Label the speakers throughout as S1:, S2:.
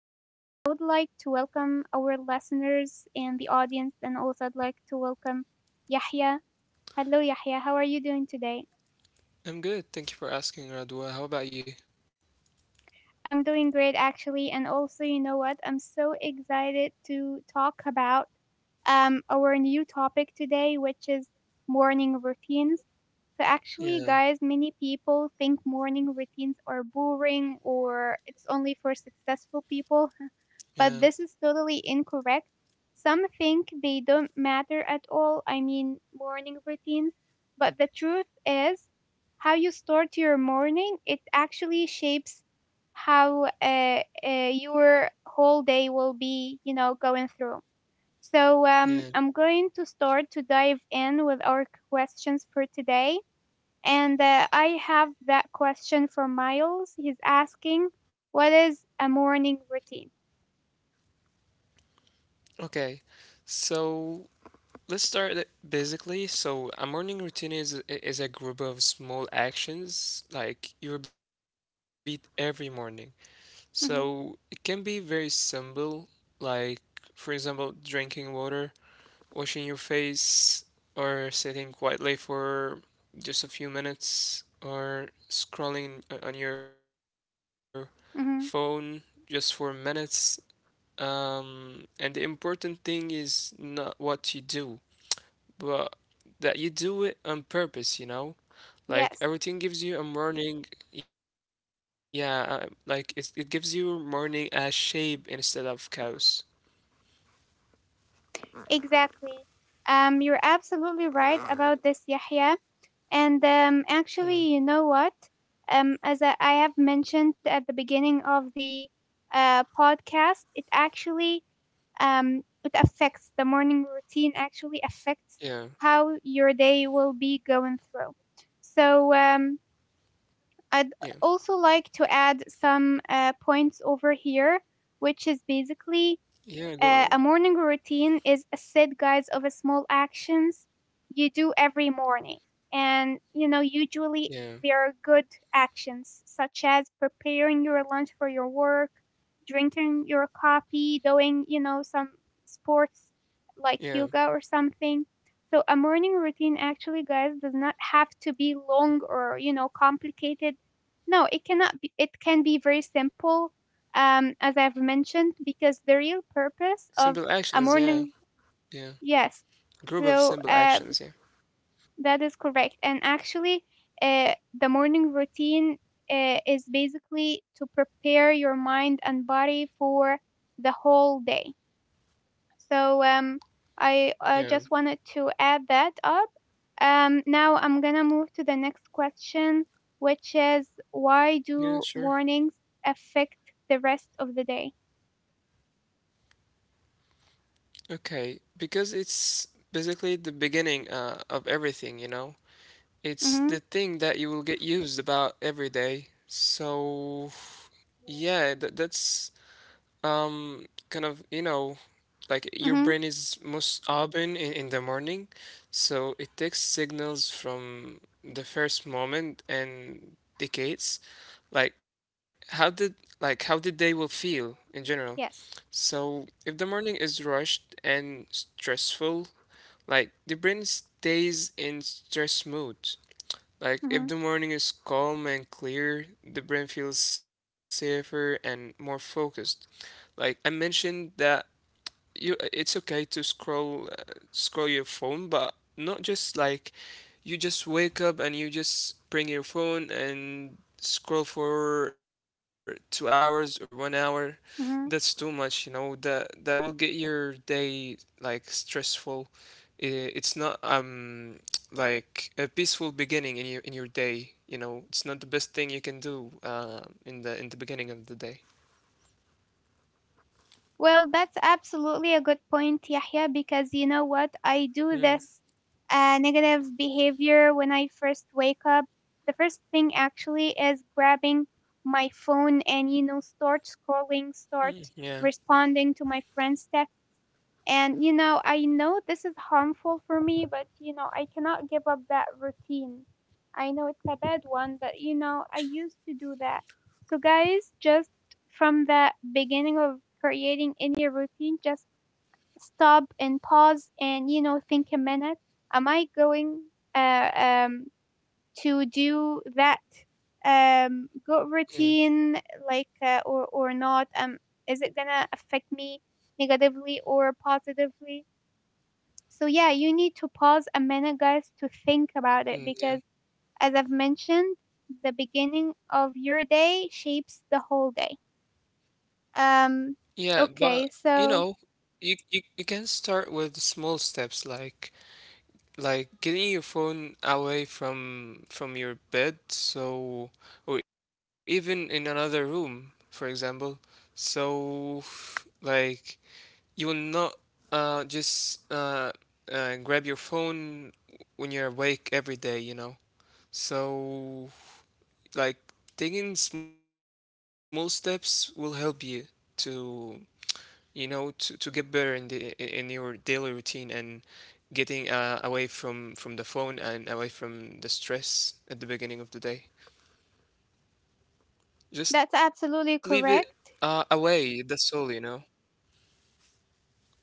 S1: And I would like to welcome our listeners and the audience, and also I'd like to welcome Yahya. Hello, Yahya, how are you doing today?
S2: I'm good. Thank you for asking, Radwa. How about you?
S1: I'm doing great actually. And also, you know what? I'm so excited to talk about our new topic today, which is morning routines. So, actually, guys,
S2: Yeah,
S1: many people think morning routines are boring or it's only for successful people but this is
S2: yeah,
S1: totally incorrect. Some think they don't matter at all, I mean, morning routines, but the truth is, how you start your morning, it actually shapes how your whole day will be going through. So I'm
S2: yeah.
S1: going to start to dive in with our questions for today. And I have that question from Miles. He's asking, what is a morning routine?
S2: Okay. So let's start it basically. So a morning routine is a group of small actions like you repeat every morning. So it
S1: Mhm.
S2: can be very simple, like for example, drinking water, washing your face, or sitting quietly for just a few minutes, or scrolling on your phone
S1: Mhm.
S2: just for minutes. And the important thing is not what you do, but that you do it on purpose, you know? Like
S1: Yes,
S2: everything gives you a morning, yeah, like it gives you morning as shape instead of chaos.
S1: exactly. You're absolutely right about this, Yahya. And
S2: Hmm.
S1: actually, you know what? As I have mentioned at the beginning of the podcast, it actually it affects the morning routine. Actually, affects
S2: Yeah,
S1: how your day will be going through. So I'd
S2: yeah,
S1: also like to add some points over here, which is basically
S2: yeah, go on.
S1: a morning routine is a set guide of a small actions you do every morning. And usually
S2: Yeah,
S1: there are good actions such as preparing your lunch for your work, drinking your coffee, doing some sports like
S2: yeah.
S1: yoga or something. So a morning routine actually, guys, does not have to be long or complicated. No, it cannot be, it can be very simple as I've mentioned, because the real purpose
S2: Simple
S1: of
S2: actions,
S1: a
S2: yeah.
S1: morning,
S2: Yeah.
S1: yes,
S2: Group of
S1: so
S2: simple actions,
S1: um,
S2: yeah.
S1: that is correct. And actually, uh, the morning routine is basically to prepare your mind and body for the whole day. So I
S2: Yeah.
S1: just wanted to add that up. Now I'm gonna move to the next question, which is why
S2: Yeah,
S1: do
S2: sure.
S1: mornings affect the rest of the day?
S2: Okay, because it's basically the beginning of everything, you know? It's
S1: Mm-hmm.
S2: the thing that you will get used about every day. So, yeah, that's kind of, like your
S1: Mm-hmm.
S2: brain is most open in the morning, so it takes signals from the first moment and decades. Like how did like how the day will feel in general.
S1: Yes.
S2: So if the morning is rushed and stressful, like the brain stays in stress mode. Like
S1: Mhm.
S2: if the morning is calm and clear, the brain feels safer and more focused. Like I mentioned that you it's okay to scroll your phone, but not just like you just wake up and you just bring your phone and scroll for 2 hours or one hour. That's too
S1: Mhm.
S2: much. That will get your day like stressful. It's not like a peaceful beginning in your day. It's not the best thing you can do in the beginning of the day.
S1: Well, that's absolutely a good point, Yahya, because you know what? I do this
S2: Mm,
S1: negative behavior when I first wake up. The first thing actually is grabbing my phone and, you know, start scrolling, start
S2: yeah,
S1: responding to my friends' texts. And I know this is harmful for me, but I cannot give up that routine. I know it's a bad one, but I used to do that. So, guys, just from the beginning of creating any routine, just stop and pause and think a minute. Am I going uh, um, to do that good routine,
S2: mm,
S1: like, or not? Is it going to affect me negatively or positively? So yeah, you need to pause a minute, guys, to think about it
S2: mm,
S1: because,
S2: yeah,
S1: as I've mentioned, the beginning of your day shapes the whole day. Um,
S2: yeah. But
S1: okay,
S2: you
S1: so
S2: know, you can start with small steps, like getting your phone away from your bed, so or even in another room for example. So like you will not just grab your phone when you're awake every day, so like taking small steps will help you to, get better in the in your daily routine, and getting away from the phone and away from the stress at the beginning of the day.
S1: that's absolutely
S2: Just leave it
S1: correct.
S2: away. That's all.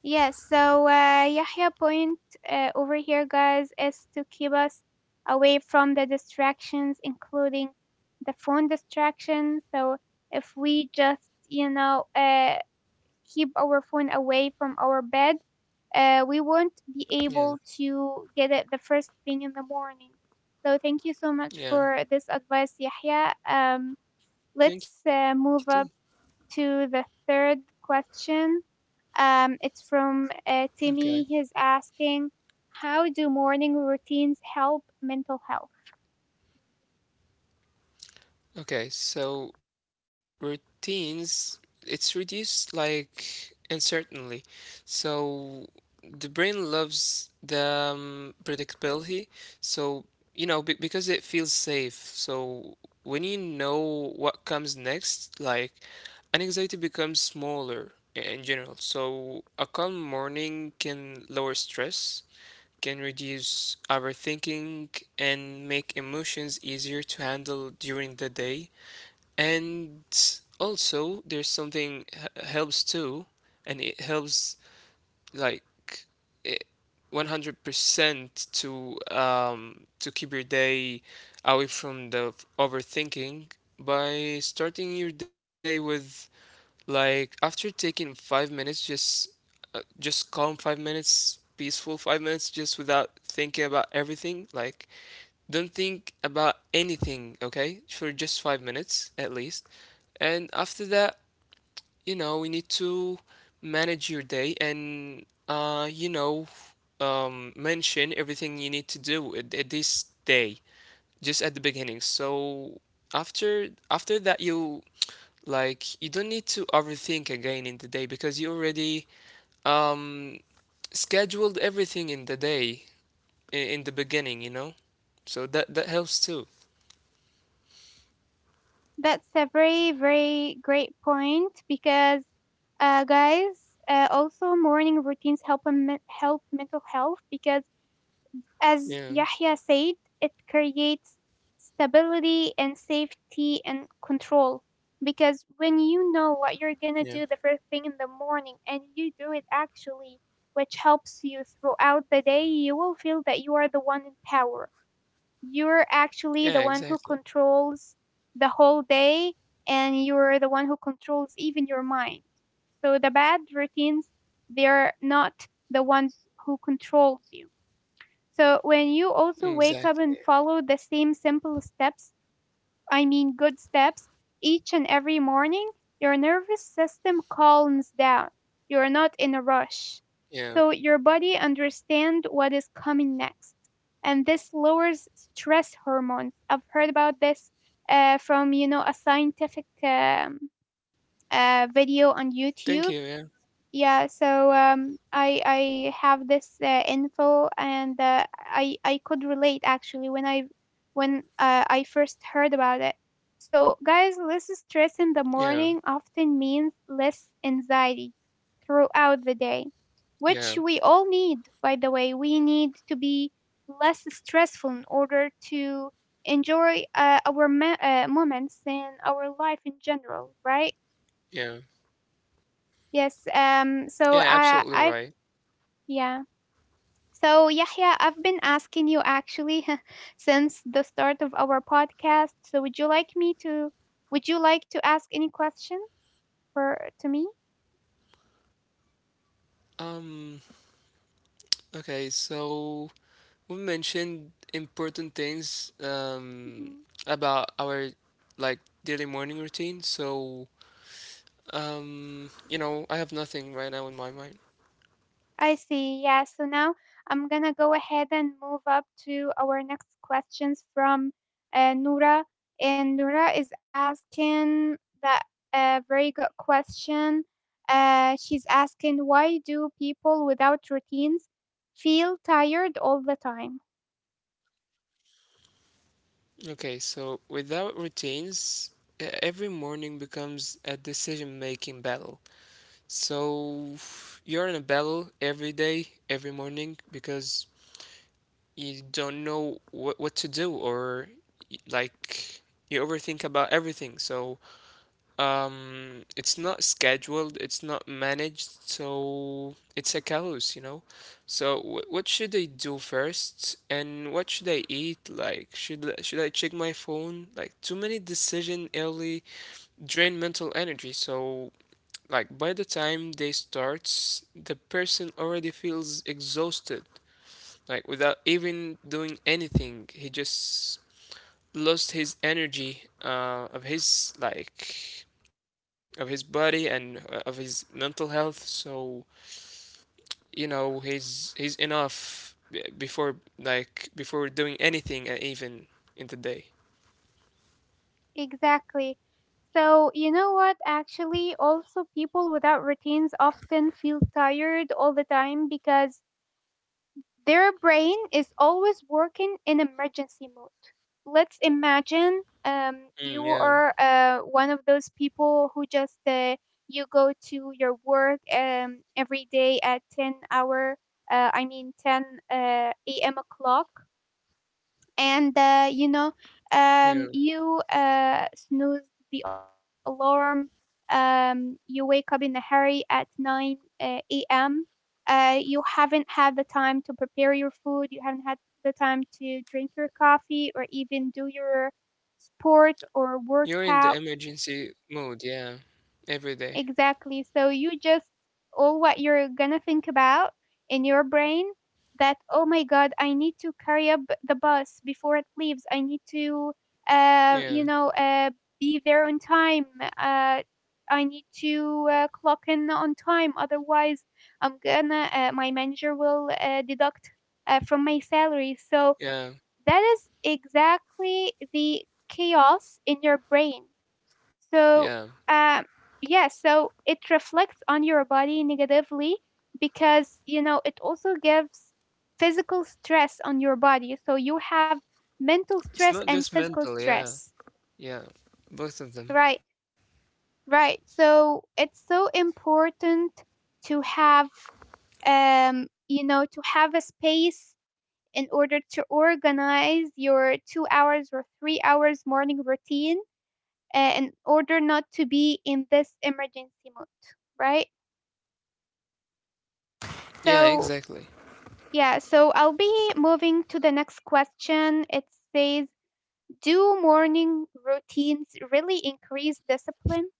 S1: Yes, so Yahya point over here, guys, is to keep us away from the distractions, including the phone distraction. So if we just, you know, uh, keep our phone away from our bed, we won't be able
S2: Yeah,
S1: to get it the first thing in the morning. So thank you so much for this
S2: yeah.
S1: advice, Yahya. Let's
S2: Thank you
S1: move
S2: too.
S1: up to the third question. It's from Timmy.
S2: Okay.
S1: He's asking, how do morning routines help mental health?
S2: Okay, so routines, it's reduced like uncertainty. So the brain loves the predictability. So, be because it feels safe. So when you know what comes next, like anxiety becomes smaller in general. So a calm morning can lower stress, can reduce overthinking, and make emotions easier to handle during the day. And also there's something helps too, and it helps, like, it 100% to keep your day away from the overthinking, by starting your day with, like, after taking 5 minutes, just calm 5 minutes, peaceful 5 minutes, just without thinking about everything. Like, don't think about anything, okay, for just 5 minutes at least. And after that, we need to manage your day. And mention everything you need to do at this day, just at the beginning. So after that, you don't need to overthink again in the day, because you already um scheduled everything in the day in the beginning. So that helps too.
S1: That's a very, very great point because, guys, also morning routines help on help mental health because, as
S2: Yeah,
S1: Yahya said, it creates stability and safety and control. Because when you know what
S2: yeah,
S1: you're gonna do the first thing in the morning and you do it actually, which helps you throughout the day, you will feel that you are the one in power. You're actually
S2: yeah.
S1: the one who
S2: Exactly,
S1: controls the whole day and you're the one who controls even your mind. So the bad routines, they're not the ones who controls you. So when you also wake up
S2: exactly.
S1: and follow the same simple steps, I mean good steps each and every morning, your nervous system calms down. You're not in a rush.
S2: Yeah.
S1: So your body understands what is coming next. And this lowers stress hormones. I've heard about this from a scientific video on
S2: Thank you. Yeah,
S1: YouTube, yeah, so I have this info, and I could relate actually when I first heard about it. So guys, less stress
S2: yeah.
S1: in the morning often means less anxiety throughout the day,
S2: Yeah,
S1: which we all need. By the way, we need to be less stressful in order to enjoy our moments and our life in general, right?
S2: yeah,
S1: Yes.
S2: yeah,
S1: So
S2: absolutely
S1: I
S2: right.
S1: I've yeah. So, Yahya, I've been asking you actually since the start of our podcast. So, would you like to ask any question for to me?
S2: Um, okay, so we mentioned important things
S1: Hmm.
S2: about our, like, daily morning routine. So, I have nothing right now in my mind.
S1: I see. Yeah. So now I'm gonna go ahead and move up to our next questions from Nura, and Nura is asking that a very good question. She's asking why do people without routines feel tired all the time?
S2: Okay, so without routines, every morning becomes a decision-making battle. So you're in a battle every day, every morning, because you don't know what to do, or like you overthink about everything. So it's not scheduled. It's not managed. So it's a chaos, you know. So what should I do first, and what should I eat? Like should I check my phone? Like too many decision early drain mental energy. So like by the time day starts, the person already feels exhausted. Like without even doing anything, he just lost his energy, of his, of his body, and of his mental health. So, he's enough before, like before doing anything, even in the day.
S1: Exactly. So, you know what? Actually, also, people without routines often feel tired all the time because their brain is always working in emergency mode. Let's imagine you
S2: Mm, yeah,
S1: are one of those people who just you go to your work every day at 10 hour, I mean 10 a.m. o'clock, and
S2: yeah.
S1: you snooze the alarm, you wake up in a hurry at 9 a.m, you haven't had the time to prepare your food, you haven't had the time to drink your coffee or even do your sport or
S2: You're in
S1: workout.
S2: the emergency mood, yeah, every day.
S1: Exactly. So you just, all what you're gonna think about in your brain, that oh my god, I need to carry up the bus before it leaves. I need to uh, you
S2: Yeah,
S1: know uh, be there on time. Uh, I need to clock in on time. Otherwise, I'm gonna my manager will deduct from my salary. So that is
S2: yeah,
S1: exactly the chaos in your brain. so, um,
S2: yeah,
S1: yeah, so it reflects on your body negatively because it also gives physical stress on your body. So you have mental stress and physical
S2: it's not
S1: stress.
S2: just mental, yeah. Yeah,
S1: Right,
S2: both of them.
S1: right. So it's so important to have, to have a space in order to organize your 2 hours or 3 hours morning routine in order not to be in this emergency mode, right?
S2: Yeah,
S1: So,
S2: exactly.
S1: yeah, so I'll be moving to the next question. It says, do morning routines really increase discipline?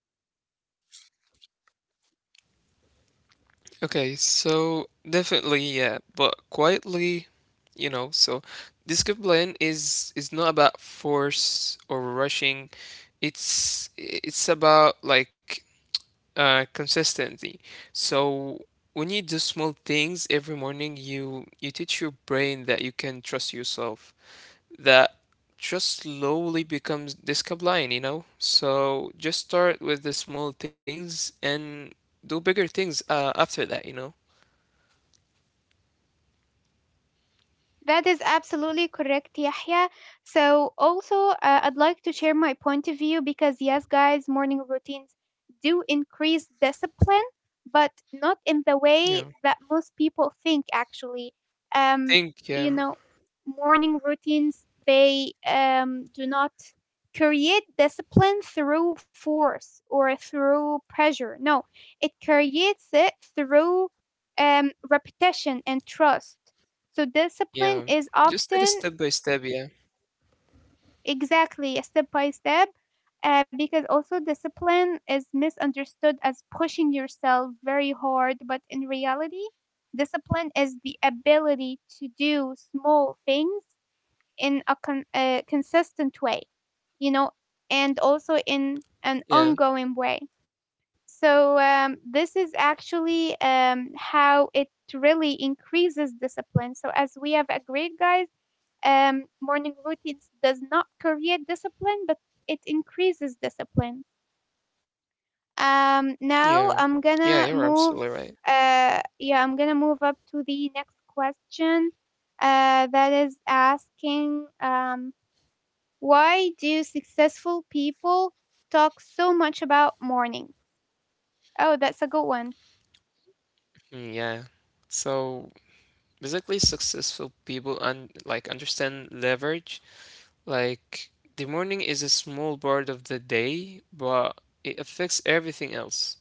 S2: Okay, so definitely, yeah, but quietly, you know, so discipline is not about force or rushing. It's about, like, consistency. So when you do small things every morning, you teach your brain that you can trust yourself, that just slowly becomes discipline, you know? So just start with the small things and do bigger things, after that, you know?
S1: That is absolutely correct, Yahya. So, also, I'd like to share my point of view because, yes, guys, morning routines do increase discipline, but not in the way
S2: Yeah.
S1: that most people think, actually. Um,
S2: Think,
S1: you
S2: yeah,
S1: know, Morning routines, they do not create discipline through force or through pressure. No, it creates it through repetition and trust. So discipline
S2: yeah.
S1: is
S2: Just take
S1: often
S2: a step by step, yeah.
S1: exactly a step by step, because also discipline is misunderstood as pushing yourself very hard, but in reality, discipline is the ability to do small things in a consistent way, you know, and also in an
S2: Yeah,
S1: ongoing way. So this is actually how it really increases discipline. So as we have agreed, guys, morning routines does not create discipline, but it increases discipline.
S2: yeah.
S1: Now
S2: Yeah, you're
S1: I'm
S2: absolutely
S1: gonna
S2: right.
S1: move. Yeah, I'm gonna move up to the next question. That is asking, why do successful people talk so much about mornings? Oh, that's a good one.
S2: Mm, yeah. So basically successful people un like understand leverage. Like the morning is a small part of the day, but it affects everything else.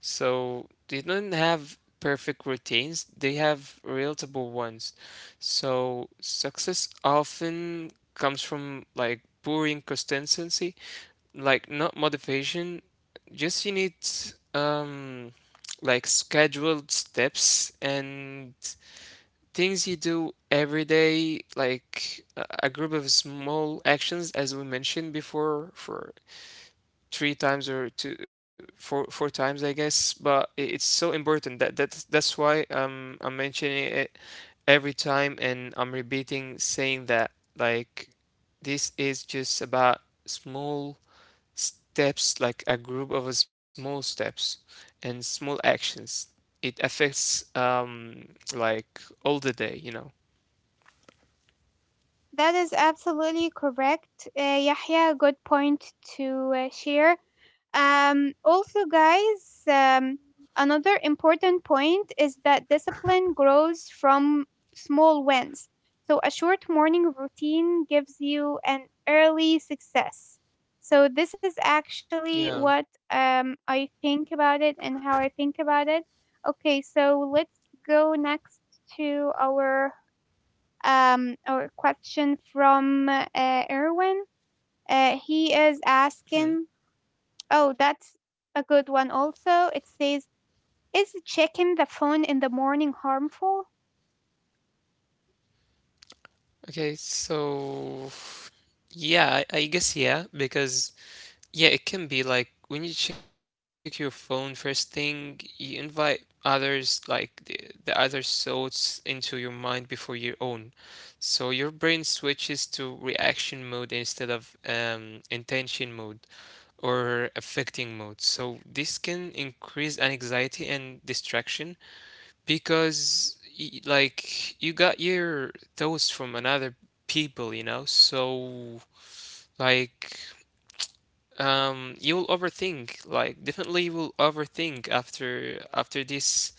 S2: So they don't have perfect routines, they have relatable ones. So success often comes from, like, boring consistency, like not motivation, just you need um like scheduled steps and things you do every day, like a group of small actions, as we mentioned before, for three times, or two, four times, I guess. But it's so important that that's why I'm mentioning it every time, and I'm repeating saying that, like, this is just about small steps, like a group of small steps and small actions. It affects like all the day.
S1: That is absolutely correct, Yahya. Good point to share. Also, guys, another important point is that discipline grows from small wins. So, a short morning routine gives you an early success. So, this is actually what
S2: Yeah.
S1: I think about it and how I think about it. Okay, so let's go next to our question from Erwin. He is asking.
S2: Mhm.
S1: Oh, that's a good one also. It says, is checking the phone in the morning harmful?
S2: Okay, so yeah, I guess, yeah, because yeah, it can be like when you check your phone first thing, you invite others, like the other thoughts into your mind before your own. So your brain switches to reaction mode instead of intention mode or affecting mode. So this can increase anxiety and distraction, because like you got your thoughts from another people, you know? So like you will overthink, like definitely you will overthink after this,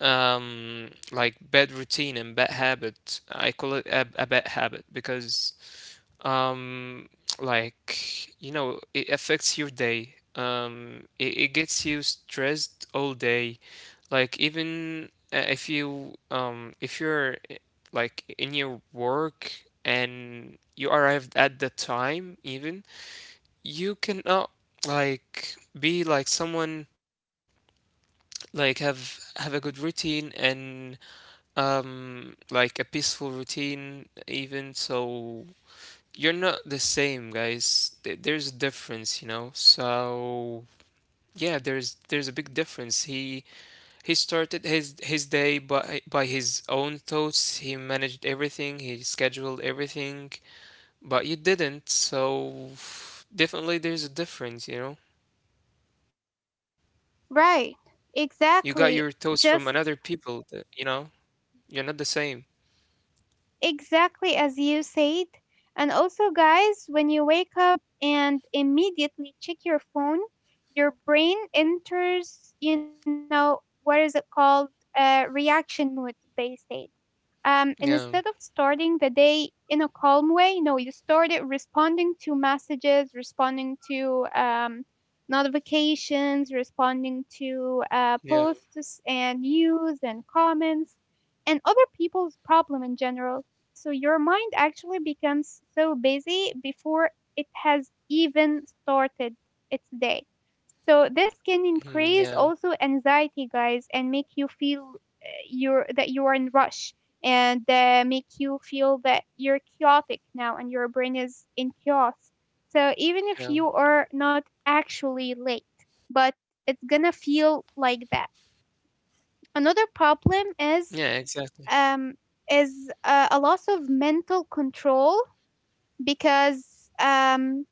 S2: like, bad routine and bad habit. I call it a bad habit, because um it affects your day. It gets you stressed all day, like even, if you if you're, like, in your work, and you arrived at the time, even you can, like be like someone, like have a good routine, and like a peaceful routine, even so you're not the same, guys. There's a difference, you know. So yeah, there's a big difference. He started his day by his own thoughts. He managed everything, he scheduled everything. But you didn't. So definitely there's a difference, you know.
S1: Right,
S2: You got your thoughts
S1: exactly.
S2: from another
S1: Just
S2: people, that, you're not the same.
S1: exactly as you said. And also, guys, when you wake up and immediately check your phone, your brain enters, what is it called? Reaction mood, they said. And instead
S2: Yeah,
S1: of starting the day in a calm way, no, you started responding to messages, responding to notifications, responding to
S2: yeah,
S1: posts and news and comments and other people's problem in general. So your mind actually becomes so busy before it has even started its day. So this can increase
S2: mhm, yeah,
S1: also anxiety, guys, and make you feel you're that you are in rush, and make you feel that you're chaotic now and your brain is in chaos. So even if
S2: yeah,
S1: you are not actually late, but it's gonna feel like that. Another problem
S2: yeah, exactly.
S1: um, is a loss of mental control because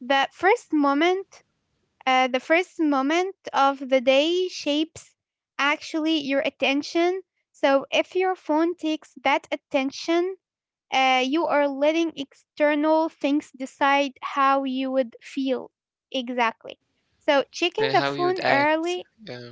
S1: that first moment, the first moment of the day shapes actually your attention. So if your phone takes that attention, you are letting external things decide how you would feel exactly. So
S2: And
S1: checking the
S2: how you'd
S1: phone
S2: act.
S1: early,
S2: Yeah,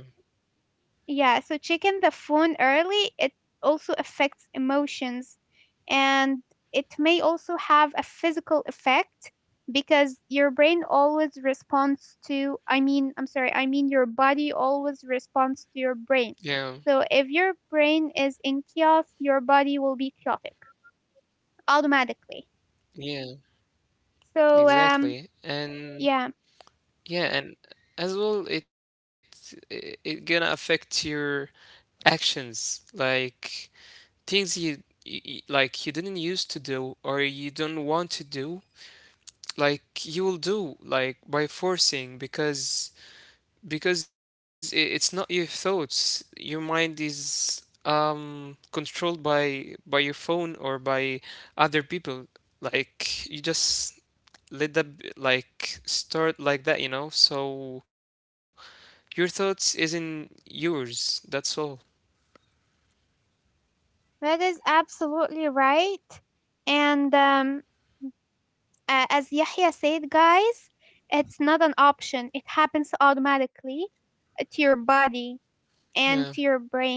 S1: yeah, so checking the phone early, it also affects emotions and it may also have a physical effect because your brain always responds to, I mean, your body always responds to your
S2: yeah,
S1: brain. So if your brain is in chaos, your body will be chaotic automatically.
S2: yeah,
S1: So,
S2: exactly. And
S1: yeah,
S2: yeah, and as well, it gonna affect your actions, like things like you didn't used to do, or you don't want to do. Like you will do, like by forcing, because it's not your thoughts. Your mind is controlled by your phone or by other people. Like you just let that, like start like that, you know? So your thoughts isn't yours. That's all.
S1: that is absolutely right. And as Yahya said, guys, it's not an option. It happens automatically to your body
S2: Yeah.
S1: and to your brain.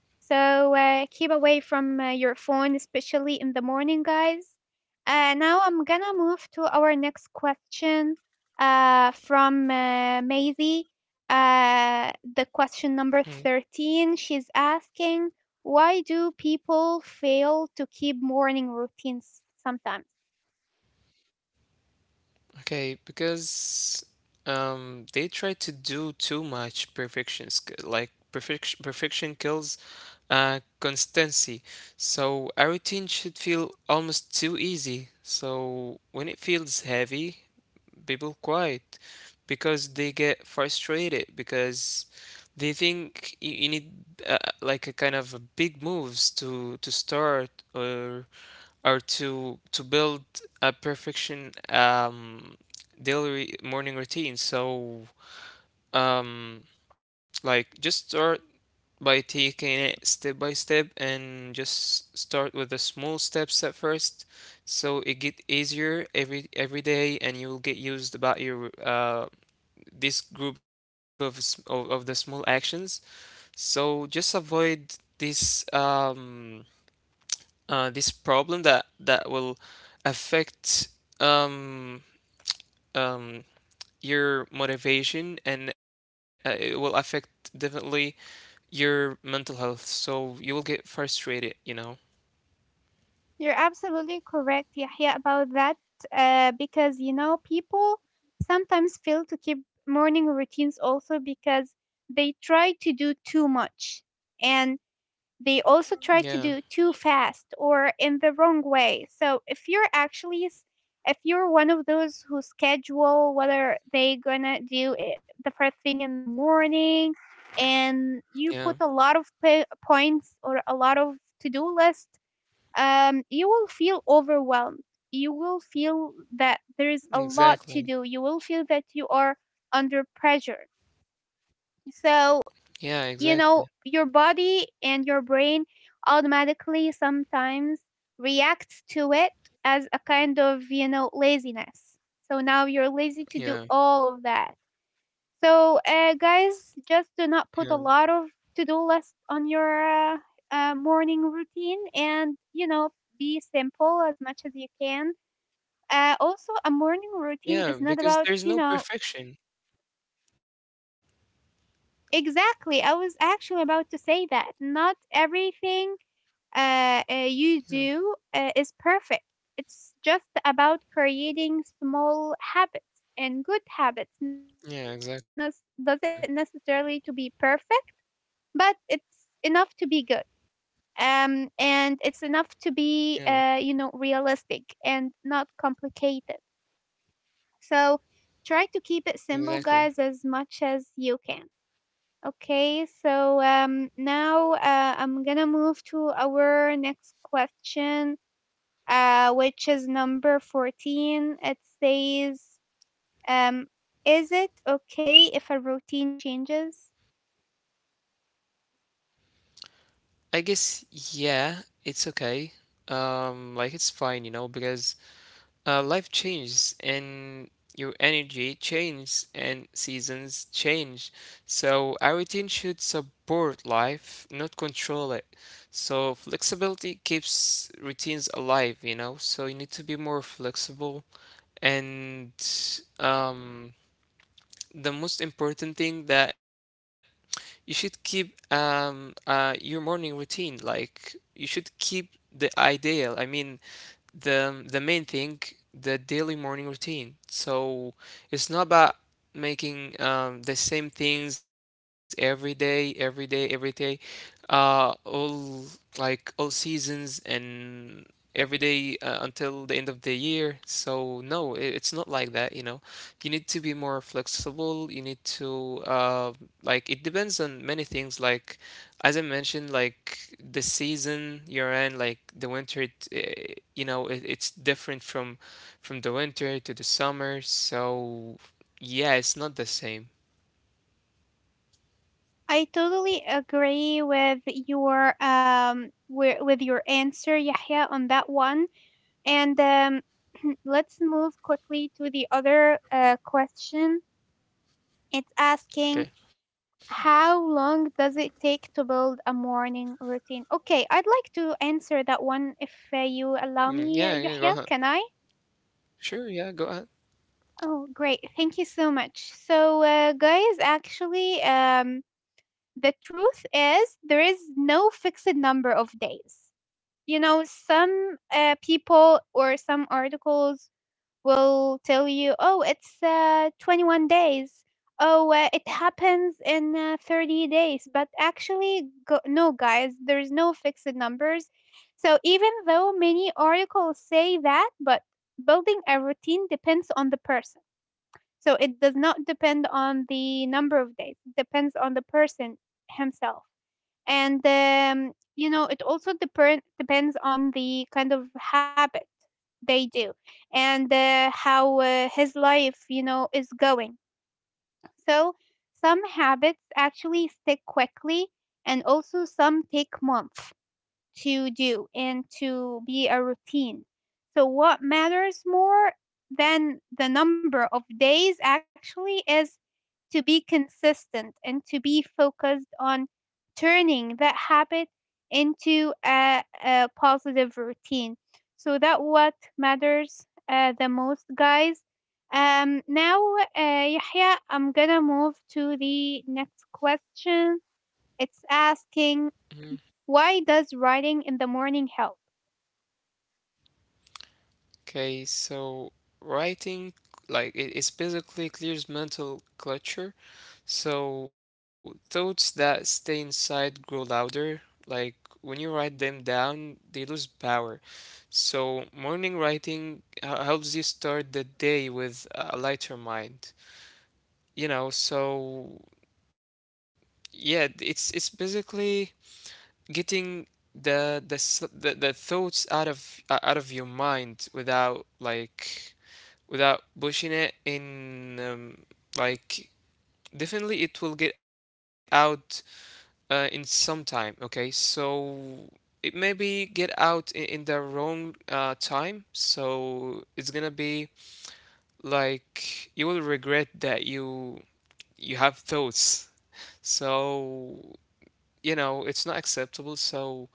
S1: So keep away from your phone, especially in the morning, guys. Now I'm gonna move to our next question from Maisie. The question number 13, she's asking, why do people fail to keep morning routines sometimes?
S2: Okay, because they try to do too much perfection, like perfection kills constancy. So a routine should feel almost too easy. So when it feels heavy, people quiet because they get frustrated, because they think you need, like, a kind of a big moves to start, or to build a perfection, daily morning routine. So um like just start by taking it step by step, and just start with the small steps at first, so it get easier every day, and you'll get used about your, this group of of the small actions. So just avoid this, this problem that will affect, um um your motivation, and it will affect, definitely, your mental health, so you will get frustrated, you know?
S1: You're absolutely correct, Yahya, about that. Because you know, people sometimes fail to keep morning routines also because they try to do too much, and they also try to
S2: Yeah,
S1: do too fast or in the wrong way. If you're one of those who schedule whether they gonna do it the first thing in the morning, and you
S2: yeah,
S1: put a lot of points or a lot of to-do list, you will feel overwhelmed. You will feel that there is a lot to
S2: exactly.
S1: do. You will feel that you are under pressure. So,
S2: Yeah,
S1: you know,
S2: exactly.
S1: your body and your brain automatically sometimes reacts to it as a kind of, you know, laziness. So now you're lazy to do
S2: Yeah,
S1: all of that. So, guys, just do
S2: yeah,
S1: not put a lot of to-do list on your morning routine, and you know, be simple as much as you can. Also, a morning routine
S2: yeah,
S1: is not
S2: because
S1: about,
S2: there's
S1: you
S2: no
S1: know,
S2: perfection.
S1: exactly. I was actually about to say that not everything you
S2: Yeah,
S1: do is perfect. It's just about creating small habits and good habits. Not
S2: yeah,
S1: doesn't
S2: exactly.
S1: necessarily to be perfect, but it's enough to be good. And it's enough to be
S2: Yeah,
S1: you know, realistic and not complicated. So try to keep it simple,
S2: exactly.
S1: guys, as much as you can. Okay, so now I'm gonna move to our next question, which is number 14. It says, um, is it okay if a routine changes?
S2: I guess, yeah, it's okay. Like it's fine, because life changes, and your energy changes, and seasons change. So our routine should support life, not control it. So flexibility keeps routines alive. So you need to be more flexible, and um the most important thing that you should keep, your morning routine, like you should keep the ideal. I mean the main thing, the daily morning routine. So it's not about making, the same things every day, every day, every day, all, all seasons, and every day, until the end of the year. So no, it's not like that, you know. You need to be more flexible. You need to, like, it depends on many things, like, as I mentioned, like the season you're in, like the winter, it, eh, you know, it, it's different from the winter to the summer. So yeah, it's not the same.
S1: I totally agree with your with your answer, Yahya, on that one. And let's move quickly to the other question. It's asking,
S2: Okay.
S1: how long does it take to build a morning routine? Okay, I'd like to answer that one if you allow
S2: Mm,
S1: me,
S2: yeah, yeah, go
S1: Yahya.
S2: ahead.
S1: Can I?
S2: Sure, yeah, go ahead.
S1: Oh, great. Thank you so much. So, guys, actually, the truth is there is no fixed number of days. You know, some people or some articles will tell you, oh, it's 21 days, oh, it happens in 30 days. No, guys, there's no fixed numbers. So even though many articles say that, but building a routine depends on the person. So it does not depend on the number of days, it depends on the person himself. And you know, it also depends on the kind of habit they do, and how his life, you know, is going. So some habits actually stick quickly, and also some take months to do and to be a routine. So, what matters more than the number of days actually is to be consistent and to be focused on turning that habit into a positive routine. So that what matters the most, guys. Now, Yahya, I'm gonna move to the next question. It's asking,
S2: Mhm.
S1: why does writing in the morning help?
S2: Okay, so writing, like it's basically clears mental clutter. So thoughts that stay inside grow louder. Like when you write them down, they lose power. So morning writing helps you start the day with a lighter mind. So yeah, it's basically getting the thoughts out of, out of your mind, without, like, without pushing it in, like definitely it will get out, in some time, okay? So it maybe get out in the wrong, time, so it's gonna be like you will regret that you have thoughts, so it's not acceptable. So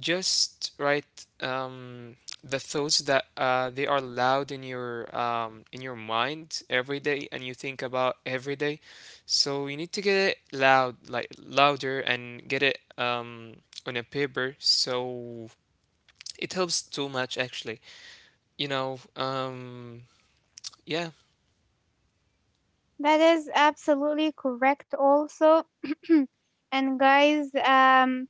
S2: just write, the thoughts that, they are loud in your, in your mind every day, and you think about every day. So you need to get it loud, like louder, and get it, on a paper. So it helps too much, actually you know um yeah,
S1: That is absolutely correct, also. And guys,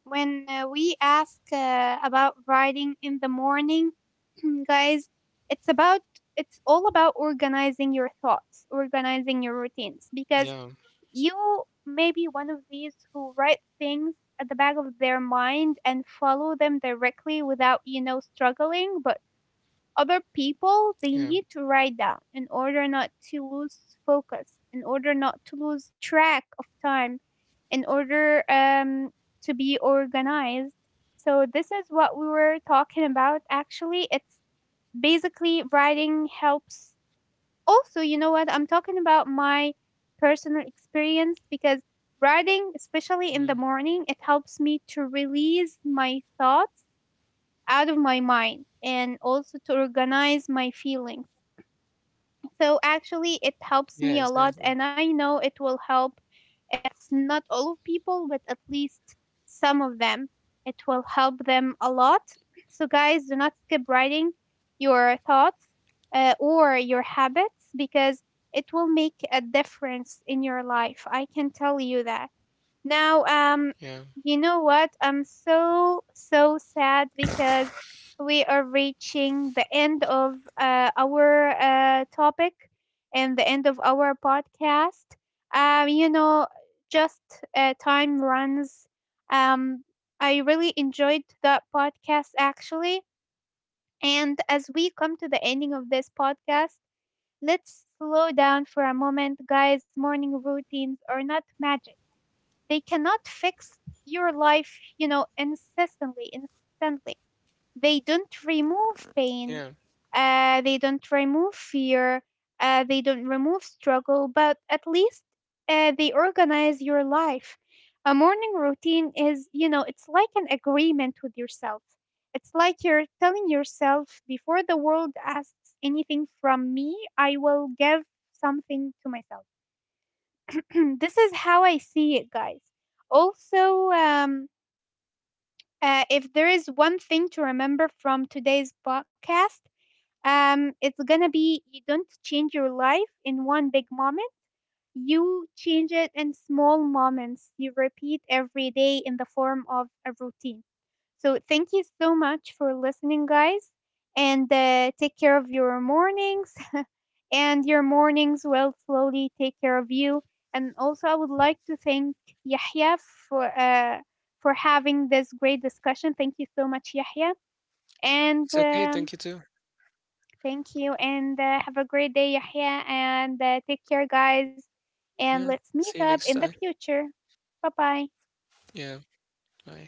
S1: when we ask about writing in the morning, guys, it's about it's all about organizing your thoughts, organizing your routines, because
S2: yeah,
S1: you may be one of these who write things at the back of their mind and follow them directly without, you know, struggling, but other people, they
S2: yeah.
S1: need to write down in order not to lose focus, in order not to lose track of time, in order to be organized. So this is what we were talking about. Actually, it's basically writing helps. Also, you know what I'm talking about, my personal experience, because writing, especially in
S2: Mm-hmm.
S1: the morning, it helps me to release my thoughts out of my mind and also to organize my feelings. So actually, it helps
S2: Yeah,
S1: me a lot,
S2: exactly.
S1: and I know it will help, if not all of people, but at least some of them. It will help them a lot. So, guys, do not skip writing your thoughts or your habits, because it will make a difference in your life. I can tell you that. Now,
S2: Yeah.
S1: you know what? I'm so, so sad because we are reaching the end of our topic and the end of our podcast. You know, just time runs. Um, I really enjoyed the podcast actually. And as we come to the ending of this podcast, let's slow down for a moment, guys. Morning routines are not magic, they cannot fix your life, you know, incessantly, instantly. They don't remove
S2: Yeah.
S1: pain, they don't remove fear, they don't remove struggle, but at least they organize your life. A morning routine is, you know, it's like an agreement with yourself. It's like you're telling yourself, before the world asks anything from me, I will give something to myself. This is how I see it, guys. Also, if there is one thing to remember from today's podcast, it's gonna be, you don't change your life in one big moment. You change it in small moments. You repeat every day in the form of a routine. So thank you so much for listening, guys, and take care of your mornings, and your mornings will slowly take care of you. And also, I would like to thank Yahya for uh, for having this great discussion. Thank you so much, Yahya, and.
S2: It's okay. Thank you too.
S1: Thank you, and have a great day, Yahya. And take care, guys. And
S2: Yeah.
S1: let's meet
S2: See you
S1: up
S2: next
S1: in the
S2: time.
S1: future. Bye bye.
S2: Yeah. Bye.